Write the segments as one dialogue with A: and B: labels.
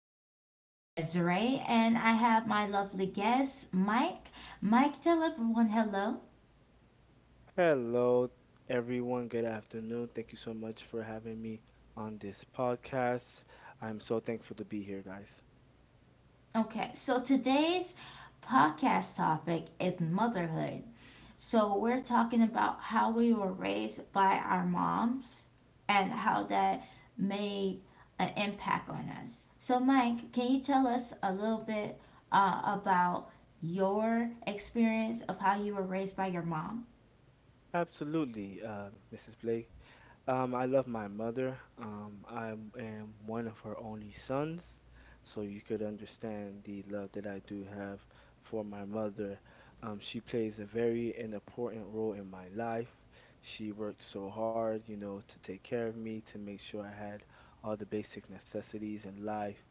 A: is always Desiree, and I have my lovely guest, Mike. Mike, tell everyone hello.
B: Hello, everyone. Good afternoon. Thank you so much for having me on this podcast. I'm so thankful to be here, guys.
A: Okay, so today's podcast topic is motherhood. So we're talking about how we were raised by our moms and how that made an impact on us. So Mike, can you tell us a little bit about your experience of how you were raised by your mom?
B: Absolutely, Mrs. Blake. I love my mother. I am one of her only sons, so you could understand the love that I do have for my mother. She plays a very an important role in my life. She worked so hard, to take care of me, to make sure I had all the basic necessities in life.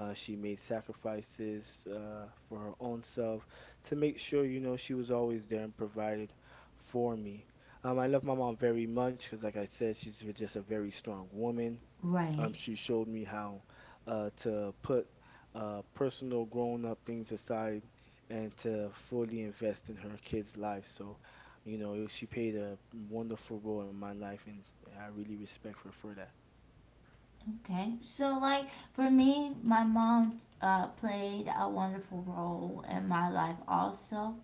B: She made sacrifices for her own self to make sure, she was always there and provided for me. I love my mom very much because, like I said, she's just a very strong woman.
A: Right.
B: She showed me how to put personal grown-up things aside and to fully invest in her kids' life. So, she played a wonderful role in my life, and I really respect her for that.
A: Okay, so like for me, my mom played a wonderful role in my life also,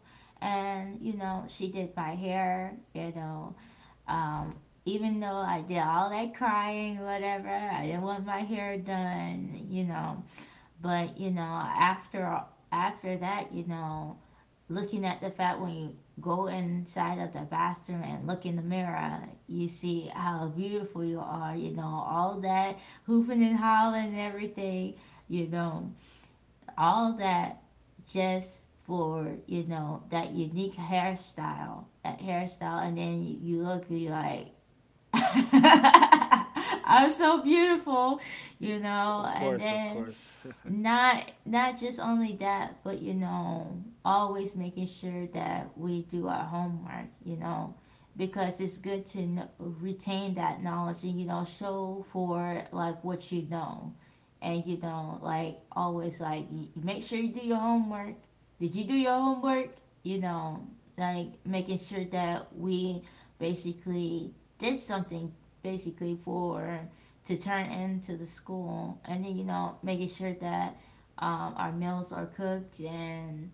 A: and you know she did my hair. You know, um, even though I did all that crying, whatever, I didn't want my hair done. You know, but you know after that, you know looking at the fact when you go inside of the bathroom and look in the mirror, you see how beautiful you are, you know, all that hooping and hollering and everything, you know, all that just for, you know, that unique hairstyle, that hairstyle, and then you look and you're like, I'm so beautiful, you know.
B: Of
A: And
B: course, of
A: then
B: course.
A: not just only that, but you know, always making sure that we do our homework, you know, because it's good to know, retain that knowledge and you know show for like what you know. And you know, like always, like make sure you do your homework. Did you do your homework? You know, like making sure that we basically did something, basically for to turn into the school. And then you know, making sure that our meals are cooked, and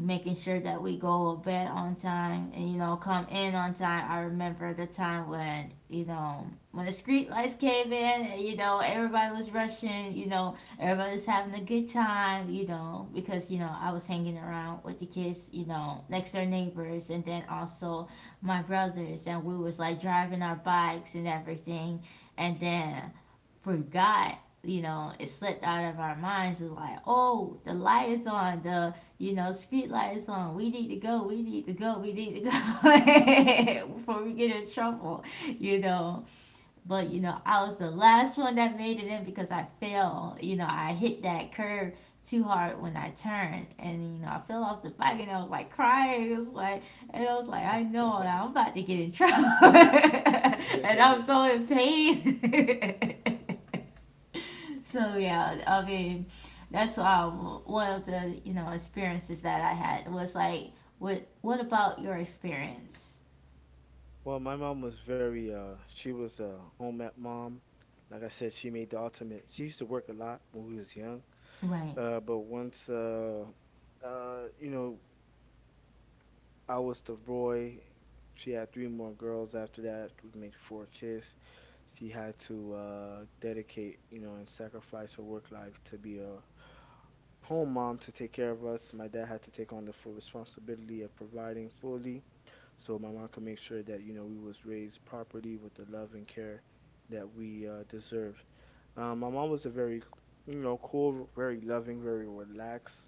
A: making sure that we go to bed on time, and you know come in on time. I remember the time when you know when the street lights came in, and you know everybody was rushing. You know, everybody was having a good time, you know, because you know I was hanging around with the kids, you know, next door neighbors, and then also my brothers. And we was like driving our bikes and everything, and then forgot. You know, it slipped out of our minds. It's like, oh, the light is on, the, you know, street light is on. We need to go, we need to go, we need to go before we get in trouble, you know. But you know, I was the last one that made it in because I fell. You know, I hit that curb too hard when I turned, and you know, I fell off the bike, and I was like crying. It was like, and I was like, I know I'm about to get in trouble, and I'm so in pain. So yeah, I mean, that's one of the you know experiences that I had was like, what about your experience?
B: Well, my mom was very she was a home ec mom. Like I said, she made the ultimate. She used to work a lot when we was young.
A: Right,
B: But once, you know, I was the boy. She had three more girls after that, would make four kids. She had to dedicate, and sacrifice her work life to be a home mom to take care of us. My dad had to take on the full responsibility of providing fully, so my mom could make sure that, we was raised properly with the love and care that we deserved. My mom was a very cool, very loving, very relaxed.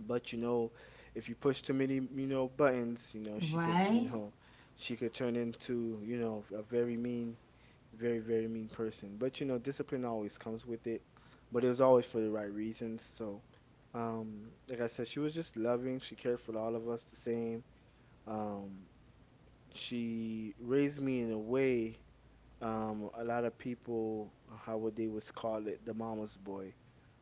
B: But if you push too many buttons, she could, you
A: right,
B: know, she could turn into a very mean, very, very mean person. But discipline always comes with it. But it was always for the right reasons. So, like I said, she was just loving. She cared for all of us the same. Um, she raised me in a way, a lot of people, how would they was call it, the mama's boy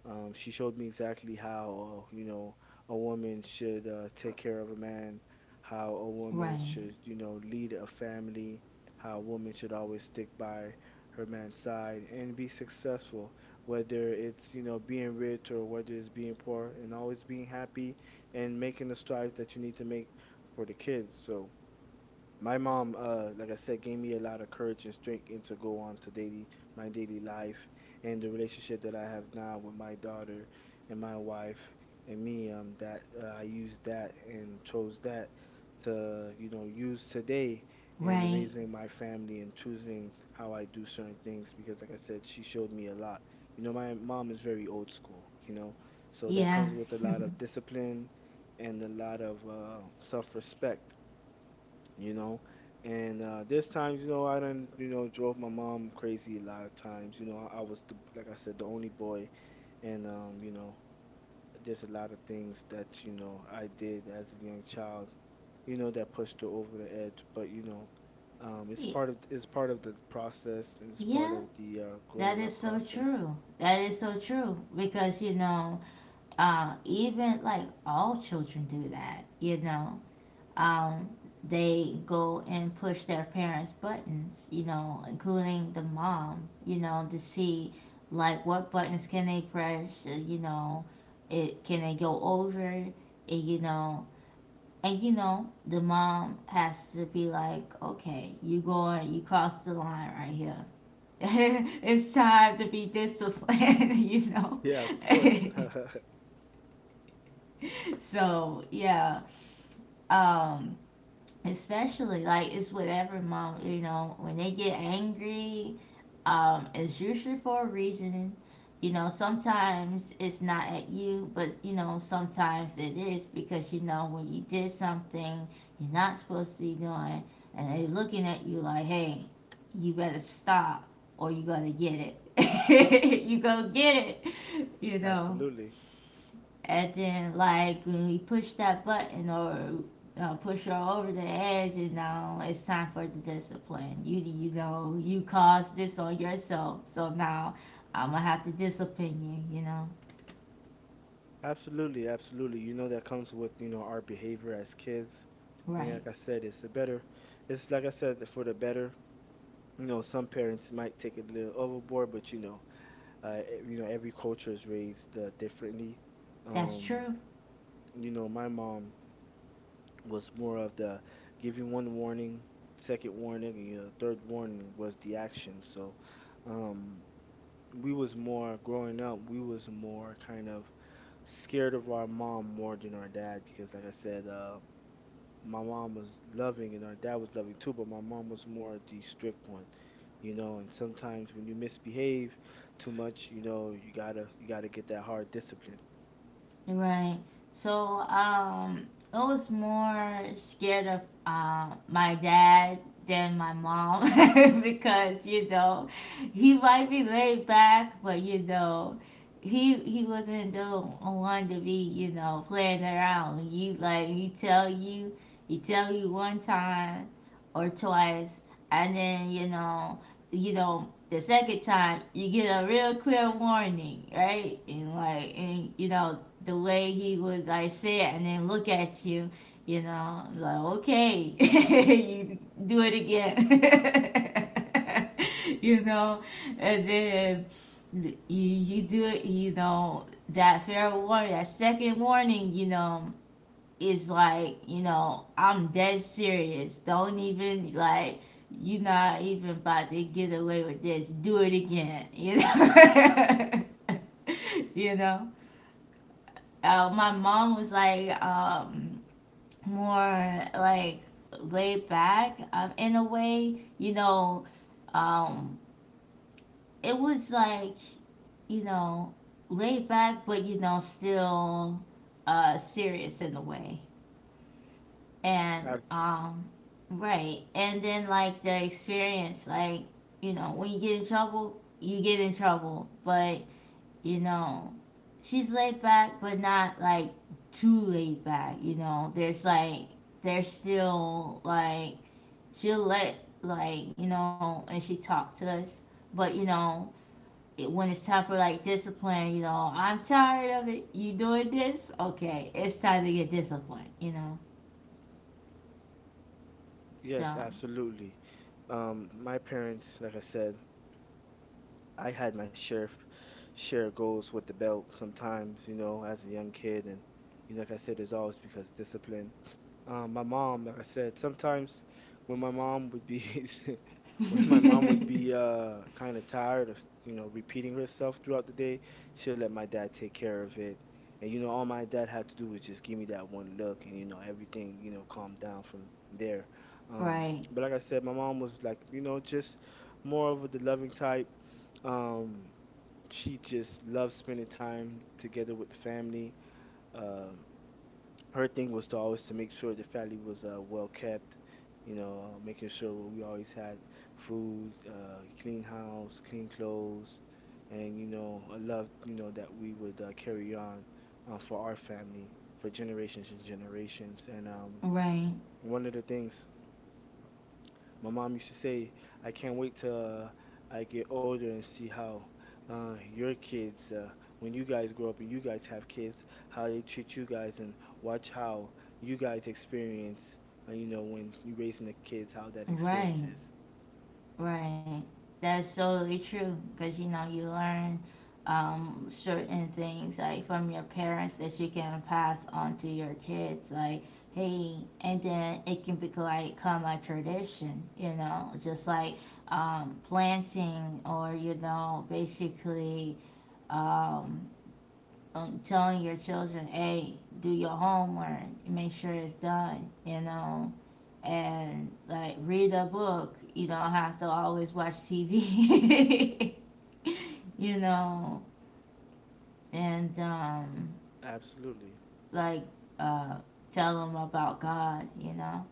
B: um, she showed me exactly how a woman should take care of a man, how a woman
A: right,
B: should, lead a family, how a woman should always stick by her man's side and be successful, whether it's being rich or whether it's being poor and always being happy and making the strides that you need to make for the kids. So, my mom, like I said, gave me a lot of courage and strength and to go on to daily my daily life and the relationship that I have now with my daughter and my wife and me. That I used that and chose that to use today in
A: right.
B: raising my family and choosing how I do certain things because, like I said, she showed me a lot. You know, my mom is very old school. You know, so that
A: Yeah.
B: comes with a lot of discipline and a lot of self-respect you know. And this time, I done drove my mom crazy a lot of times. You know, I was , like I said, the only boy, and there's a lot of things that I did as a young child, that pushed her over the edge. It's
A: Y-
B: part of the process, and it's part
A: yeah,
B: of the
A: that
B: growing
A: is
B: up
A: so
B: process.
A: true. That is so true, because you know, even like all children do that. You know, um, they go and push their parents' buttons. You know, including the mom. You know, to see like what buttons can they press. You know, it can they go over? And, you know, and you know the mom has to be like, okay, you going, you cross the line right here. It's time to be disciplined, you know.
B: Yeah, of course,
A: So yeah, um, especially like it's whatever mom, you know, when they get angry, it's usually for a reason. You know, sometimes it's not at you, but you know, sometimes it is, because you know when you did something you're not supposed to be doing, and they're looking at you like, hey, you better stop or you gotta get it. You go get it, you know.
B: absolutely.
A: And then like when we push that button, or push her over the edge, you know, it's time for the discipline. You know you caused this on yourself, so now I'm gonna have to discipline you. You know,
B: Absolutely, absolutely. That comes with our behavior as kids. And
A: right?
B: like I said, it's like I said, for the better. You know, some parents might take it a little overboard, but every culture is raised differently.
A: That's
B: Um,
A: true.
B: my mom was more of the give you one warning, second warning, and third warning was the action. So, um, we was more kind of scared of our mom more than our dad because, like I said, my mom was loving and our dad was loving too, but my mom was more the strict one. And sometimes when you misbehave too much, you gotta get that hard discipline.
A: Right. So, um, I was more scared of my dad than my mom because you know he might be laid back, but you know he wasn't the one to be you know playing around. He like he tell you one time or twice, and then you know the second time you get a real clear warning, right? And like and you know the way he was like sit and then look at you, you know, like okay, you do it again, you know. And
B: Absolutely.
A: then you do it, you know, that fair warning, that second warning, you know, is like, you know, I'm dead serious. Don't even like you're not even about to get away with this. Do it again, you know. You know my mom was like more like laid back in a way. You know, um, it was like you know laid back, but you know still serious in a way. And
B: Ab-
A: um, right, and then like the experience, like you know when you get in trouble, you get in trouble, but you know, she's laid back, but not like too laid back. You know, there's like there's still like she'll let like you know, and she talks to us, but you know. When it's time for like discipline, you know, I'm tired of it. You doing this? Okay, it's time to get disciplined, you know?
B: yes,
A: So,
B: absolutely. My parents, like I said, I had my share goals with the belt sometimes, as a young kid, and like I said, it's always because discipline my mom, like I said, sometimes when my mom would be when my mom would be uh kind of tired of repeating herself throughout the day, she'll let my dad take care of it. All my dad had to do was just give me that one look, and everything calmed down from there. Um,
A: right,
B: but like I said, my mom was like, just more of a the loving type. Um, she just loves spending time together with the family. Um her thing was to make sure the family was well kept, making sure we always had food, clean house, clean clothes, and a love that we would carry on for our family for generations and generations. And
A: right,
B: one of the things my mom used to say, I can't wait till I get older and see how your kids, when you guys grow up and you guys have kids, how they treat you guys and watch how you guys experience, when you raising the kids, how that experience is.
A: right. Right. That's totally true, because you know you learn certain things like from your parents that you can pass on to your kids. Like, hey, and then it can become like become a tradition. You know, just like planting, or you know basically um, telling your children, hey, do your homework, make sure it's done. You know, and like read a book. You don't have to always watch TV. You know, and
B: Absolutely.
A: like uh, tell them about God. You know,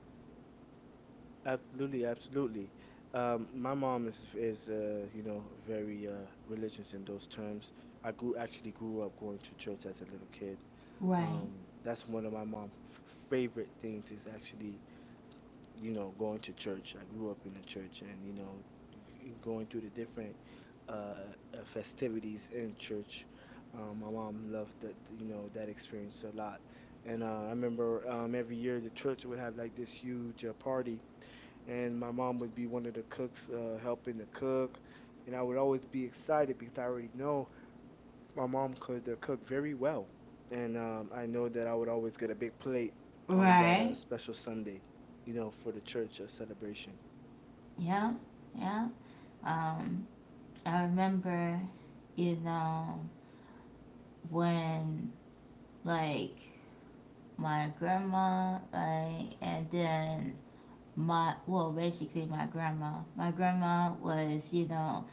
B: Absolutely. Absolutely. My mom is very religious in those terms. I grew actually grew up going to church as a little kid.
A: right,
B: That's one of my mom's favorite things is actually going to church. I grew up in the church and going through the different uh, festivities in church. My mom loved that experience a lot. And I remember every year the church would have like this huge party, and my mom would be one of the cooks helping to cook. And I would always be excited because I already know my mom could cook very well, and I know that I would always get a big plate on that uh,
A: right,
B: special Sunday, for the church celebration.
A: yeah, yeah. Um, I remember, you know, when like my grandma, like, and then my well, basically my grandma. My grandma was, you know,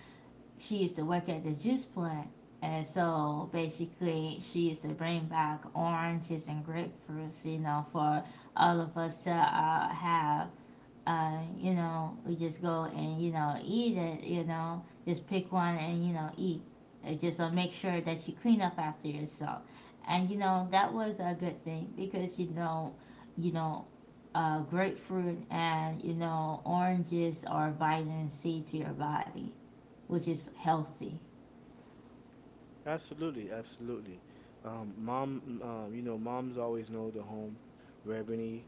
A: she used to work at the juice plant. And so basically, she used to bring back oranges and grapefruits, you know, for all of us to have. You know, we just go and, you know, eat it, you know, just pick one and, you know, eat. It just make sure that you clean up after yourself. And, you know, that was a good thing, because, you know, grapefruit and, you know, oranges are vitamin C to your body, which is healthy.
B: Absolutely, absolutely. Moms always know the home remedies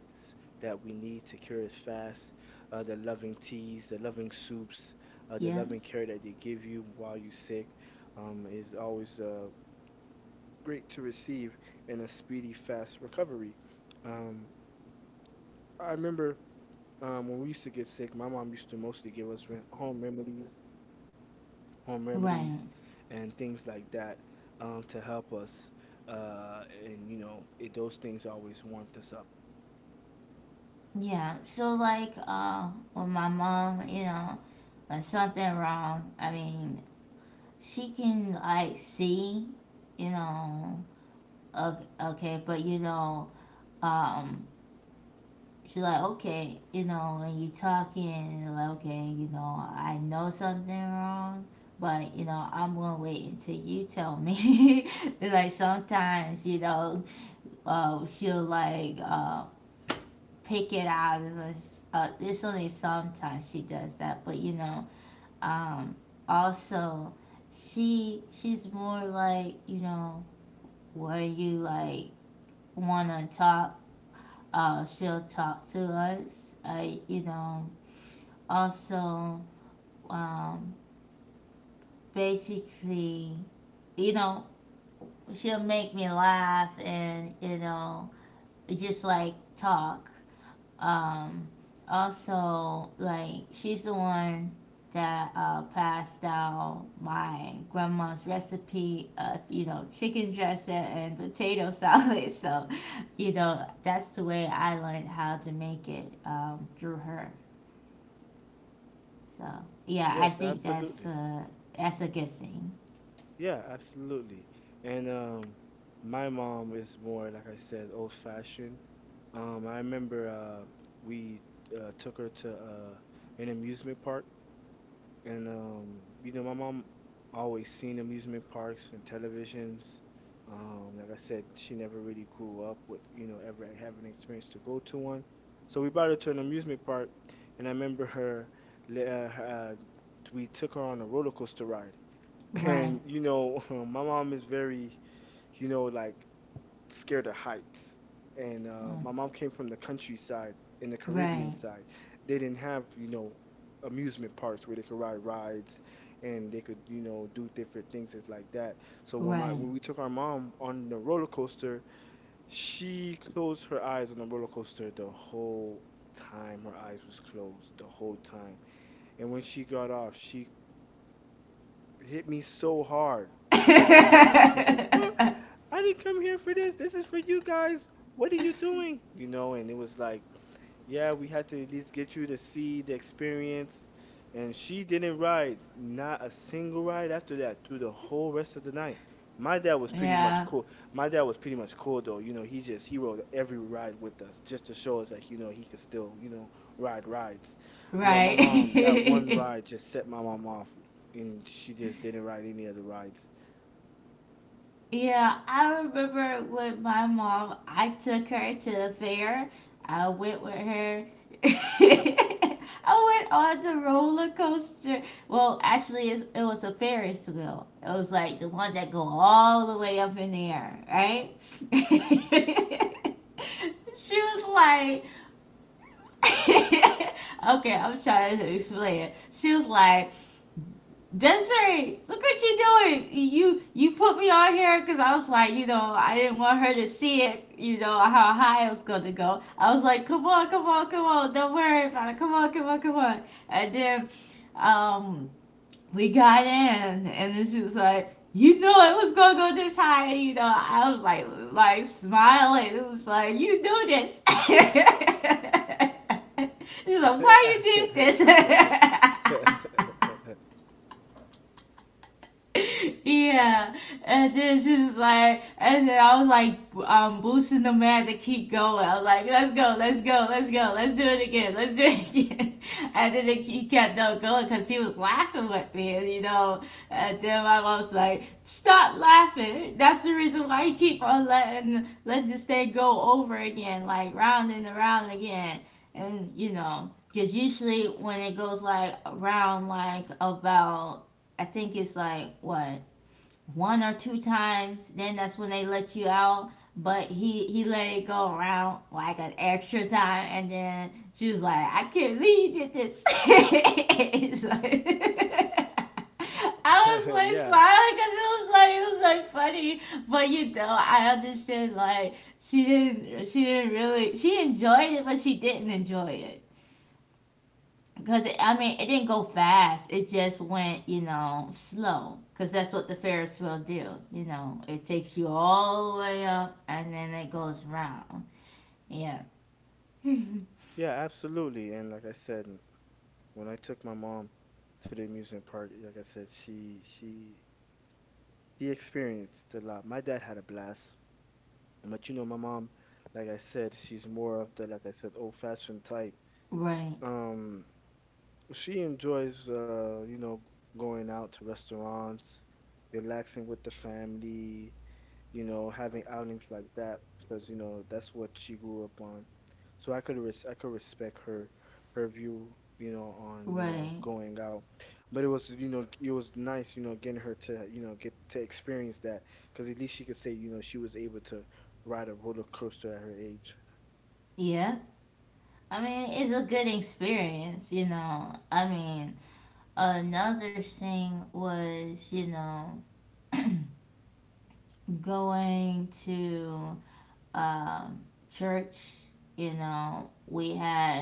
B: that we need to cure us fast, the loving teas, the loving soups, the
A: Yeah,
B: loving care that they give you while you're sick, is always great to receive in a speedy, fast recovery. Um, I remember. When we used to get sick, my mom used to mostly give us rem- home remedies, home
A: right.
B: remedies, and things like that, to help us. And those things always warmed us up.
A: Yeah. So like, with my mom, you know, when something wrong, I mean, she can like see, you know, okay, okay, but you know, um, she's like, okay, you know, when you talking, you're like, okay, you know, I know something wrong. But you know, I'm gonna wait until you tell me. Like sometimes, you know, she'll like pick it out of us. It's only sometimes she does that, but you know, um, also she's more like you know where you like want to talk. She'll talk to us. I you know also um, basically you know she'll make me laugh, and you know just like talk. Um, Also, like, she's the one that passed out my grandma's recipe of, you know, chicken dressing and potato salad. So, you know, that's the way I learned how to make it through her. So, yeah, I
B: Yes,
A: think
B: absolutely.
A: that's a good thing.
B: Yeah, absolutely. And my mom is more, like I said, old-fashioned. I remember we took her to an amusement park. And my mom always seen amusement parks and televisions. Like I said, she never really grew up with ever having experience to go to one. So we brought her to an amusement park, and I remember le- uh, her, uh, we took her on a roller coaster ride.
A: Right,
B: And my mom is very, like scared of heights. And
A: uh,
B: my mom came from the countryside, in the Caribbean
A: right,
B: side. They didn't have amusement parks where they could ride rides and they could do different things is like that. So when my
A: right.
B: when we took our mom on the roller coaster, she closed her eyes on the roller coaster the whole time. Her eyes was closed the whole time. And when she got off, she hit me so hard. I could remember because she was like, "What? I didn't come here for this. This is for you guys. What are you doing?" You know, and it was like, yeah, we had to at least get you to see the experience. And she didn't ride, not a single ride after that through the whole rest of the night. My dad was pretty
A: Yeah,
B: much cool. My dad was pretty much cool though. You know, he just he rode every ride with us just to show us that he could still ride rides. But my
A: right.
B: mom, that one ride just set my mom off, and she just didn't ride any of the rides.
A: Yeah, I remember with my mom, I took her to the fair. I went with her. I went on the roller coaster. Well, actually, it's, it was a Ferris wheel. It was like the one that go all the way up in the air, right? She was like, okay, I'm trying to explain it. She was like, Desiree, look what you're doing. You put me on here, because I was like, you know, I didn't want her to see it, you know, how high I was going to go. I was like, come on, come on, come on. Don't worry about it. Come on, come on, come on. And then um, we got in, and then she was like, you know, it was going to go this high. And, you know, I was like smiling. It was like, you do this. She was like, why you did this? Yeah, and then she was like, and then I was like, boosting the man to keep going. I was like, let's go, let's go, let's go, let's do it again, let's do it again. And then he kept on going, because he was laughing with me, and you know. And then my mom was like, stop laughing. That's the reason why you keep on letting let this thing go over again, like round and around again, and you know. Because usually when it goes like around like about I think it's like what one or two times. Then that's when they let you out. But he let it go around like an extra time, and then she was like, "I can't believe you did this." It's like- I was like
B: Yeah,
A: smiling because it was like funny, but you know I understood, like she didn't really she enjoyed it, but she didn't enjoy it because I mean it didn't go fast. It just went, you know, slow. Because that's what the Ferris wheel do. You know, it takes you all the way up and then it goes round. Yeah.
B: yeah, absolutely. And like I said, when I took my mom to the amusement park, like I said, she she experienced a lot. My dad had a blast, but you know, my mom, like I said, she's more of the like I said, old-fashioned type.
A: Right.
B: Um, she enjoys you know, going out to restaurants, relaxing with the family, you know, having outings like that because you know that's what she grew up on. So I could respect her her view, you know, on, you know,
A: Right.
B: going out. But it was, you know, it was nice, you know, getting her to, you know, get to experience that because at least she could say, you know, she was able to ride a roller coaster at her age.
A: Yeah. I mean, it's a good experience. You know. I mean, another thing was, you know, going to um, church. You know, we had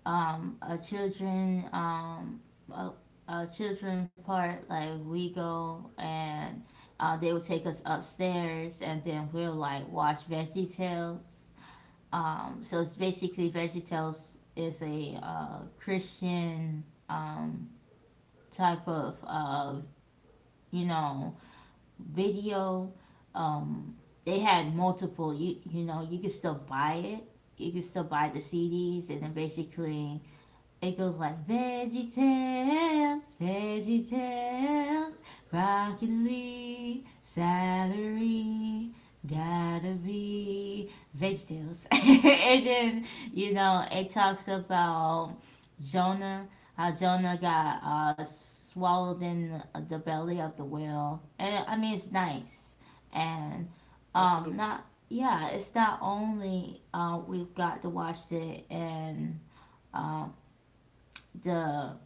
A: a children a, a children part. Like we go and they would take us upstairs, and then we'll like watch Veggie Tales. So it's basically Veggie Tales is a Christian um, type of you know video. Um, they had multiple. You know you could still buy it. You could still buy the CDs, and then basically it goes like Veggie Tales, Veggie Tales, Rocket League, Salary, gotta be Veggie Tales. And then, you know, it talks about Jonah, how Jonah got swallowed in the belly of the whale. And I mean, it's nice. And
B: Absolutely.
A: not, yeah, it's not only we've got to watch it, and um, the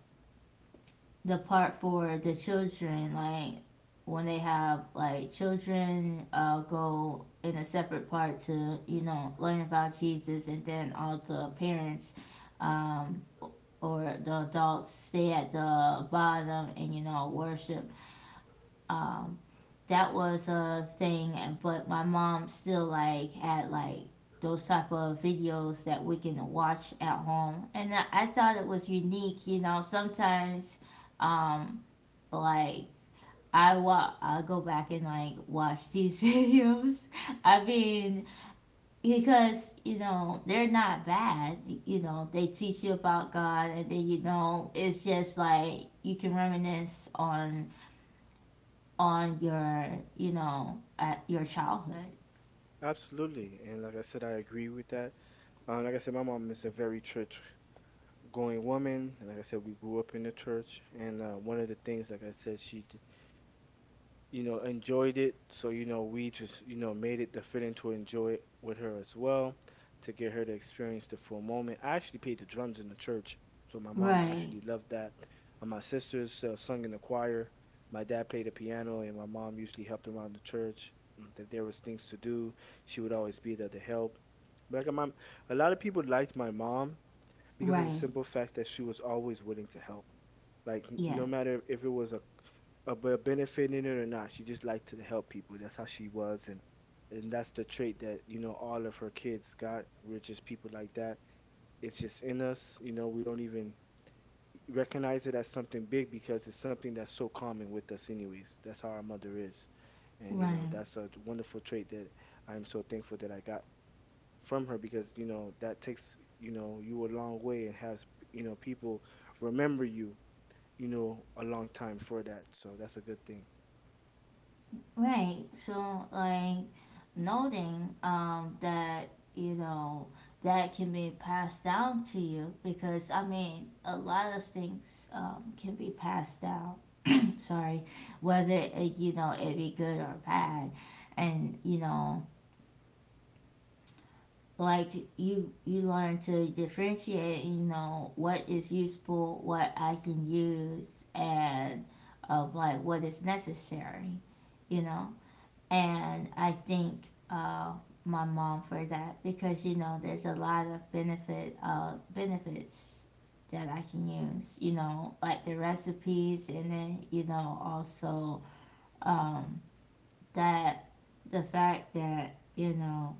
A: part for the children, like when they have like children go in a separate part to, you know, learn about Jesus, and then all the parents um, or the adults stay at the bottom and, you know, worship. Um, that was a thing, but my mom still like had like those type of videos that we can watch at home, and I thought it was unique, you know, sometimes um like I go back and like watch these videos. I mean, because you know they're not bad. You know they teach you about God, and then you know it's just like you can reminisce on your, you know, at your childhood.
B: Absolutely. And like I said, I agree with that. Like I said, my mom is a very church going woman. And like I said, we grew up in the church. And one of the things, like I said, you know, enjoyed it. So, you know, we just, you know, made it fitting to enjoy it with her as well to get her to experience the full moment. I actually played the drums in the church. So my mom
A: Right.
B: actually loved that. And my sisters sung in the choir. My dad played the piano, and my mom usually helped around the church. If there was things to do, she would always be there to help. Like my mom, a lot of people liked my mom because of the
A: Right.
B: simple fact that she was always willing to help. Like
A: Yeah.
B: no matter if it was a about benefiting it or not. She just liked to help people. That's how she was, and that's the trait that you know all of her kids got. We're just people like that. It's just in us. You know, we don't even recognize it as something big because it's something that's so common with us, anyways. That's how our mother is, and you know
A: Right.
B: that's a wonderful trait that I'm so thankful that I got from her because you know that takes you know you a long way and has you know people remember you you know a long time for that. So that's a good thing.
A: Right, so like noting that, you know, that can be passed down to you, because I mean a lot of things can be passed down. Sorry. Whether it, you know, it be good or bad, and you know, like you learn to differentiate, you know, what is useful, what I can use, and of like what is necessary, you know. And I thank my mom for that, because you know there's a lot of benefits that I can use, you know, like the recipes, and then, you know, also um that the fact that, you know,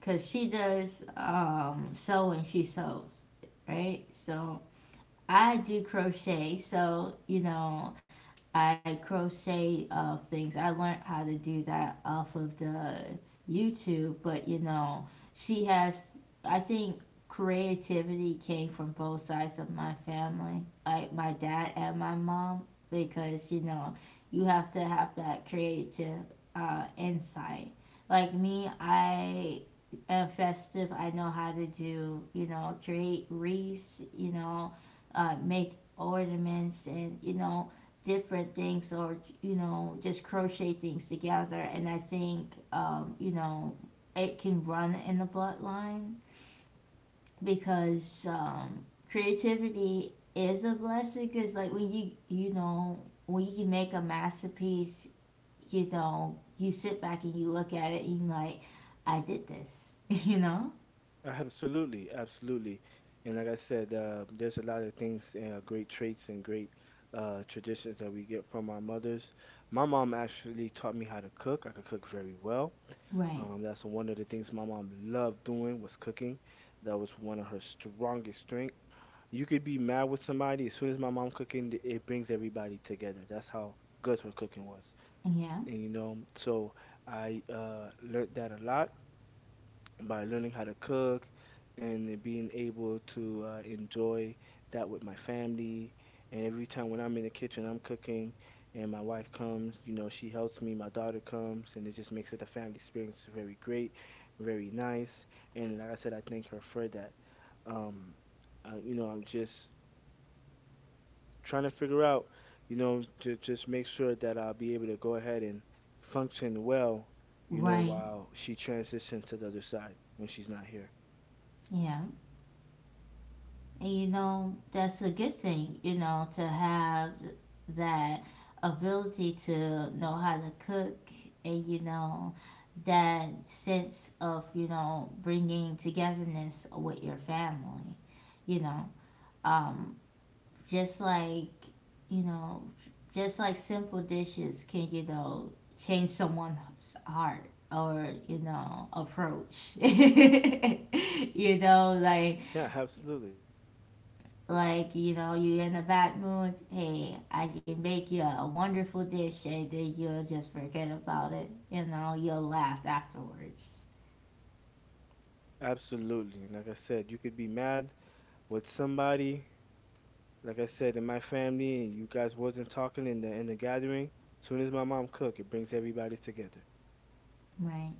A: because she does sewing, she sews, right? So I do crochet, so you know I crochet things. I learned how to do that off of the YouTube, but you know, she has. I think creativity came from both sides of my family, like my dad and my mom, because you know, you have to have that creative insight. Like me, I am festive. I know how to do, you know, create wreaths, you know, make ornaments, and you know, different things, or you know, just crochet things together. And I think, you know, it can run in the bloodline, because creativity is a blessing, because like when you know, when you can make a masterpiece, you know, you sit back and you look at it and you like, I did this. You know.
B: Absolutely, absolutely. And like I said, there's a lot of things, great traits and great traditions that we get from our mothers. My mom actually taught me how to cook. I could cook very well.
A: Right.
B: That's one of the things my mom loved doing was cooking. That was one of her strongest strength. You could be mad with somebody. As soon as my mom cooking, it brings everybody together. That's how good her cooking was.
A: Yeah.
B: And you know, so I learned that a lot by learning how to cook and then being able to enjoy that with my family. And every time when I'm in the kitchen, I'm cooking, and my wife comes, you know, she helps me, my daughter comes, and it just makes it a family experience very great, very nice. And like I said, I thank her for that. Um, you know, I'm just trying to figure out, you know, to just make sure that I'll be able to go ahead and function well, you know,
A: Right.
B: while she transitions to the other side when she's not here.
A: Yeah. And you know, that's a good thing, you know, to have that ability to know how to cook and, you know, that sense of, you know, bringing togetherness with your family, you know. Um, just like, you know, just like simple dishes can, you know, change someone's heart or, you know, approach. You know, like
B: Yeah, absolutely.
A: like you know, you're in a bad mood, hey, I can make you a wonderful dish, and then you'll just forget about it, you know, you'll laugh afterwards.
B: Absolutely. Like I said, you could be mad with somebody. Like I said, in my family, and you guys wasn't talking in the gathering. Soon as my mom cook, it brings everybody together.
A: Right.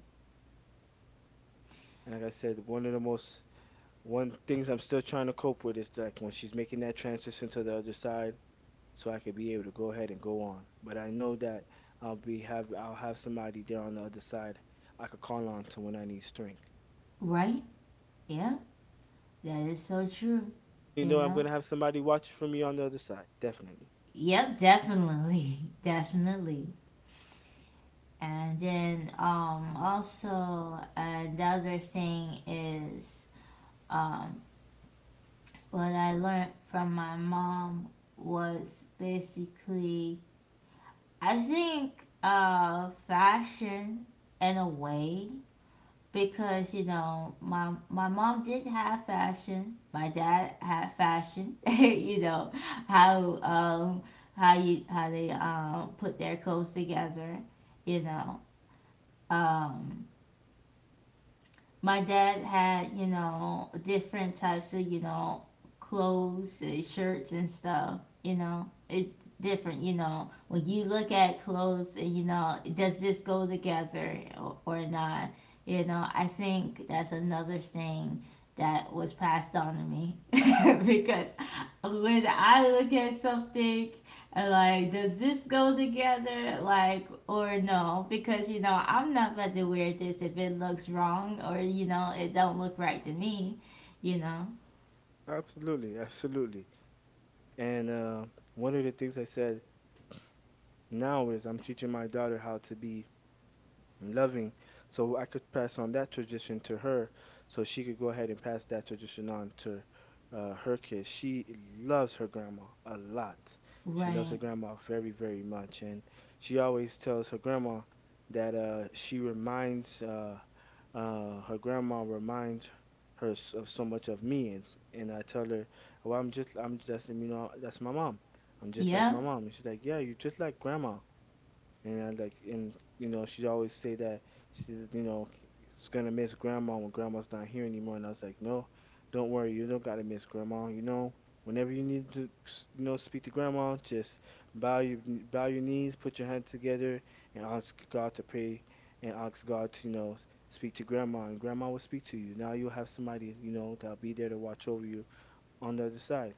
B: And like I said, one of the most one things I'm still trying to cope with is like when she's making that transition to the other side, so I could be able to go ahead and go on. But I know that I'll have somebody there on the other side I could call on to when I need strength.
A: Right. Yeah, that is so true,
B: You
A: you
B: know, I'm
A: know.
B: gonna have somebody watching for me on the other side, definitely.
A: Yep, definitely. Definitely. And then also another thing is, um what I learned from my mom was basically, I think, fashion, in a way, because you know my mom did have fashion, my dad had fashion. You know, how um how you how they put their clothes together. You know, um my dad had, you know, different types of, you know, clothes and shirts and stuff, you know. It's different, you know, when you look at clothes, and you know, does this go together or not? You know, I think that's another thing that was passed on to me. Because when I look at something, like, does this go together, like, or no, because you know, I'm not about to wear this if it looks wrong, or you know, it don't look right to me, you know.
B: Absolutely, absolutely. And one of the things I said now is I'm teaching my daughter how to be loving, so I could pass on that tradition to her, so she could go ahead and pass that tradition on to her kids. She loves her grandma a lot. She loves her
A: Right.
B: grandma very, very much, and she always tells her grandma that she reminds her grandma reminds her of so much of me, and I tell her, "Well, I'm just, you know, that's my mom. I'm just like
A: Yeah.
B: my mom." And she's like, "Yeah, you're just like grandma." And I like, and you know, she always say that she, you know, she's gonna miss grandma when grandma's not here anymore. And I was like, no, don't worry, you don't gotta miss grandma. You know, whenever you need to, you know, speak to grandma, just bow your knees, put your hands together, and ask God to pray, and ask God to, you know, speak to grandma, and grandma will speak to you. Now you'll have somebody, you know, that'll be there to watch over you on the other side.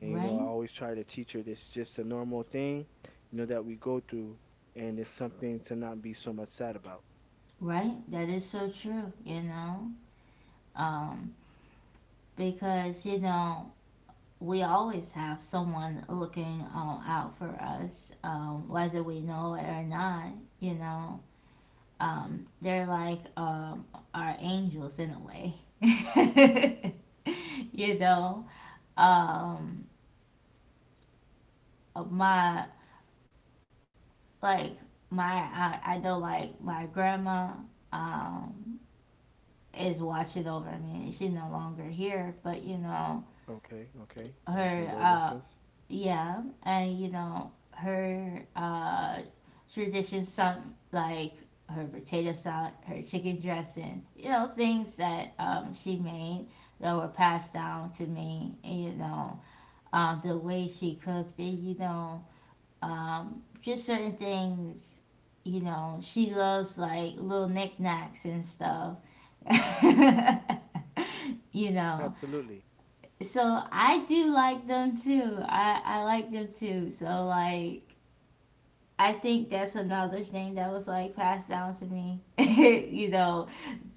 B: And you know,
A: Right.
B: I always try to teach her this is just a normal thing, you know, that we go through and it's something to not be so much sad about.
A: Right, that is so true, you know. um because you know, we always have someone looking out for us, whether we know it or not, you know. They're like our angels, in a way. You know, um, my like my I know like my grandma um, is watching over me. She's no longer here, but you know
B: Okay, okay. My
A: her
B: condolences.
A: yeah. And you know her traditions, some like her potato salad, her chicken dressing, you know, things that she made that were passed down to me. And, you know, the way she cooked it, you know, just certain things. You know, she loves like little knickknacks and stuff. You know.
B: Absolutely.
A: So I do like them too. I like them too. So like I think that's another thing that was like passed down to me. You know,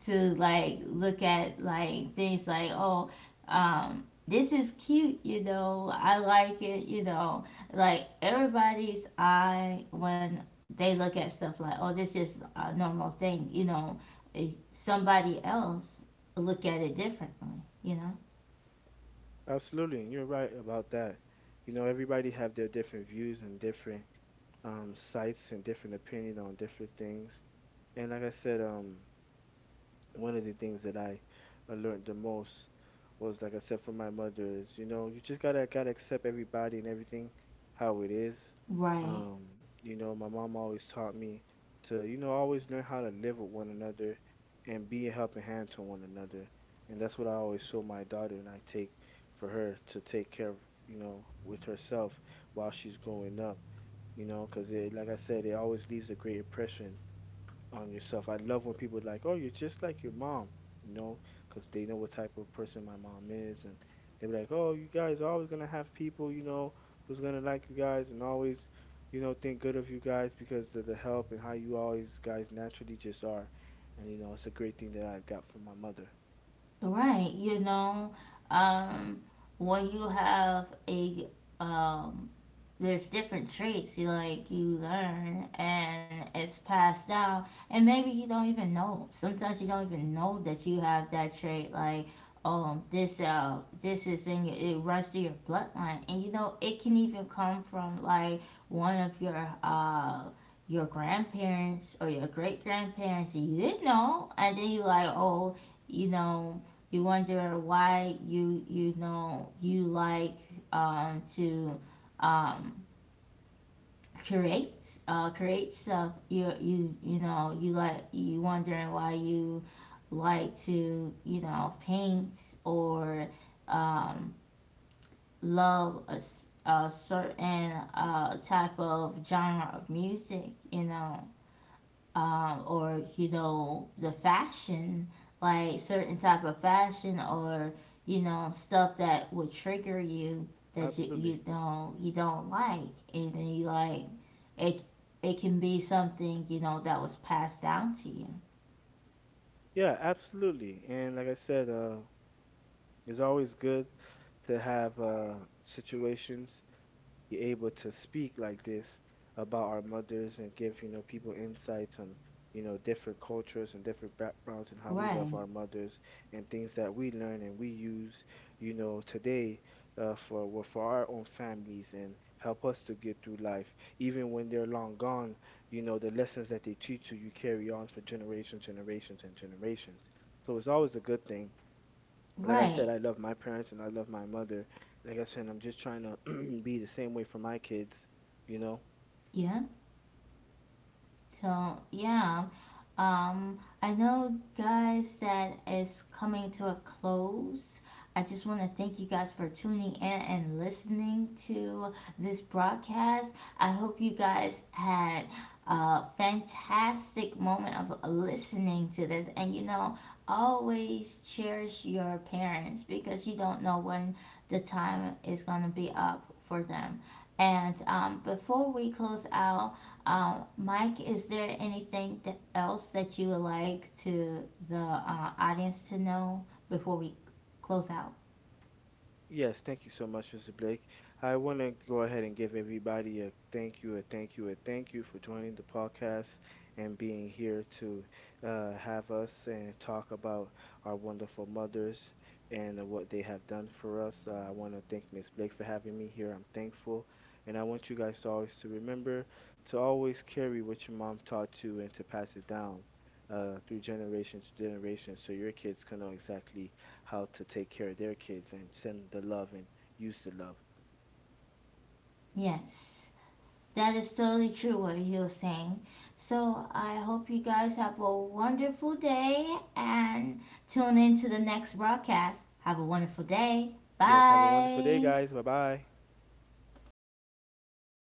A: to like look at like things, like, oh, this is cute, you know. I like it, you know. Like everybody's eye when they look at stuff, like, oh, this is just a normal thing, you know. eh, Somebody else look at it differently, you know.
B: Absolutely. And you're right about that. You know, everybody have their different views and different sights and different opinion on different things. And like I said, one of the things that I learned the most was, like I said, from my mother is, you know, you just gotta accept everybody and everything how it is.
A: Right.
B: Um, you know, my mom always taught me to, you know, always learn how to live with one another and be a helping hand to one another. And that's what I always show my daughter and I take for her to take care of, you know, with herself while she's growing up, you know, because it, like I said, it always leaves a great impression on yourself. I love when people are like, "Oh, you're just like your mom," you know, because they know what type of person my mom is, and they be like, "Oh, you guys are always gonna have people, you know, who's gonna like you guys and always, you know, think good of you guys because of the help and how you always guys naturally just are." And you know, it's a great thing that I've got from my mother.
A: Right. You know, um, when you have a um, there's different traits you like you learn and it's passed down, and maybe you don't even know, sometimes you don't even know that you have that trait, like this is in your, it runs through your bloodline, and you know it can even come from like one of your grandparents or your great grandparents, you didn't know, and then you like, oh, you know, you wonder why you know, you like to um creates stuff, you you know, you like, you wondering why you like to, you know, paint or um love a certain type of genre of music, you know. Or you know, the fashion, like certain type of fashion, or you know, stuff that would trigger you, that you
B: Absolutely,
A: don't like, and then you like it. It can be something you know that was passed down to you.
B: yeah, absolutely. And like I said, it's always good to have situations be able to speak like this about our mothers and give, you know, people insights on, you know, different cultures and different backgrounds and how we love
A: Right.
B: our mothers and things that we learn and we use, you know, today for well, for our own families and help us to get through life. Even when they're long gone, you know, the lessons that they teach you, you carry on for generations, generations, and generations. So it's always a good thing like I
A: Right.
B: said, I love my parents and I love my mother. Like I said, I'm just trying to be the same way for my kids, you know?
A: Yeah. So yeah. I know, guys, that is coming to a close. I just want to thank you guys for tuning in and listening to this broadcast. I hope you guys had a fantastic moment of listening to this. And you know, always cherish your parents because you don't know when the time is going to be up for them. And before we close out, Mike, is there anything that else that you would like to the audience to know before we close out?
B: Yes, thank you so much, Mr. Blake. I want to go ahead and give everybody a thank you, a thank you, a thank you for joining the podcast and being here to have us and talk about our wonderful mothers and what they have done for us. I want to thank Miss Blake for having me here. I'm thankful, and I want you guys to always to remember to always carry what your mom taught you and to pass it down through generation to generation, so your kids can know exactly how to take care of their kids and send the love and use the love.
A: Yes, that is totally true what you're saying. So I hope you guys have a wonderful day and tune in to the next broadcast. Have a wonderful day.
B: Yes, have a wonderful day,
A: Bye.
B: guys. Bye bye.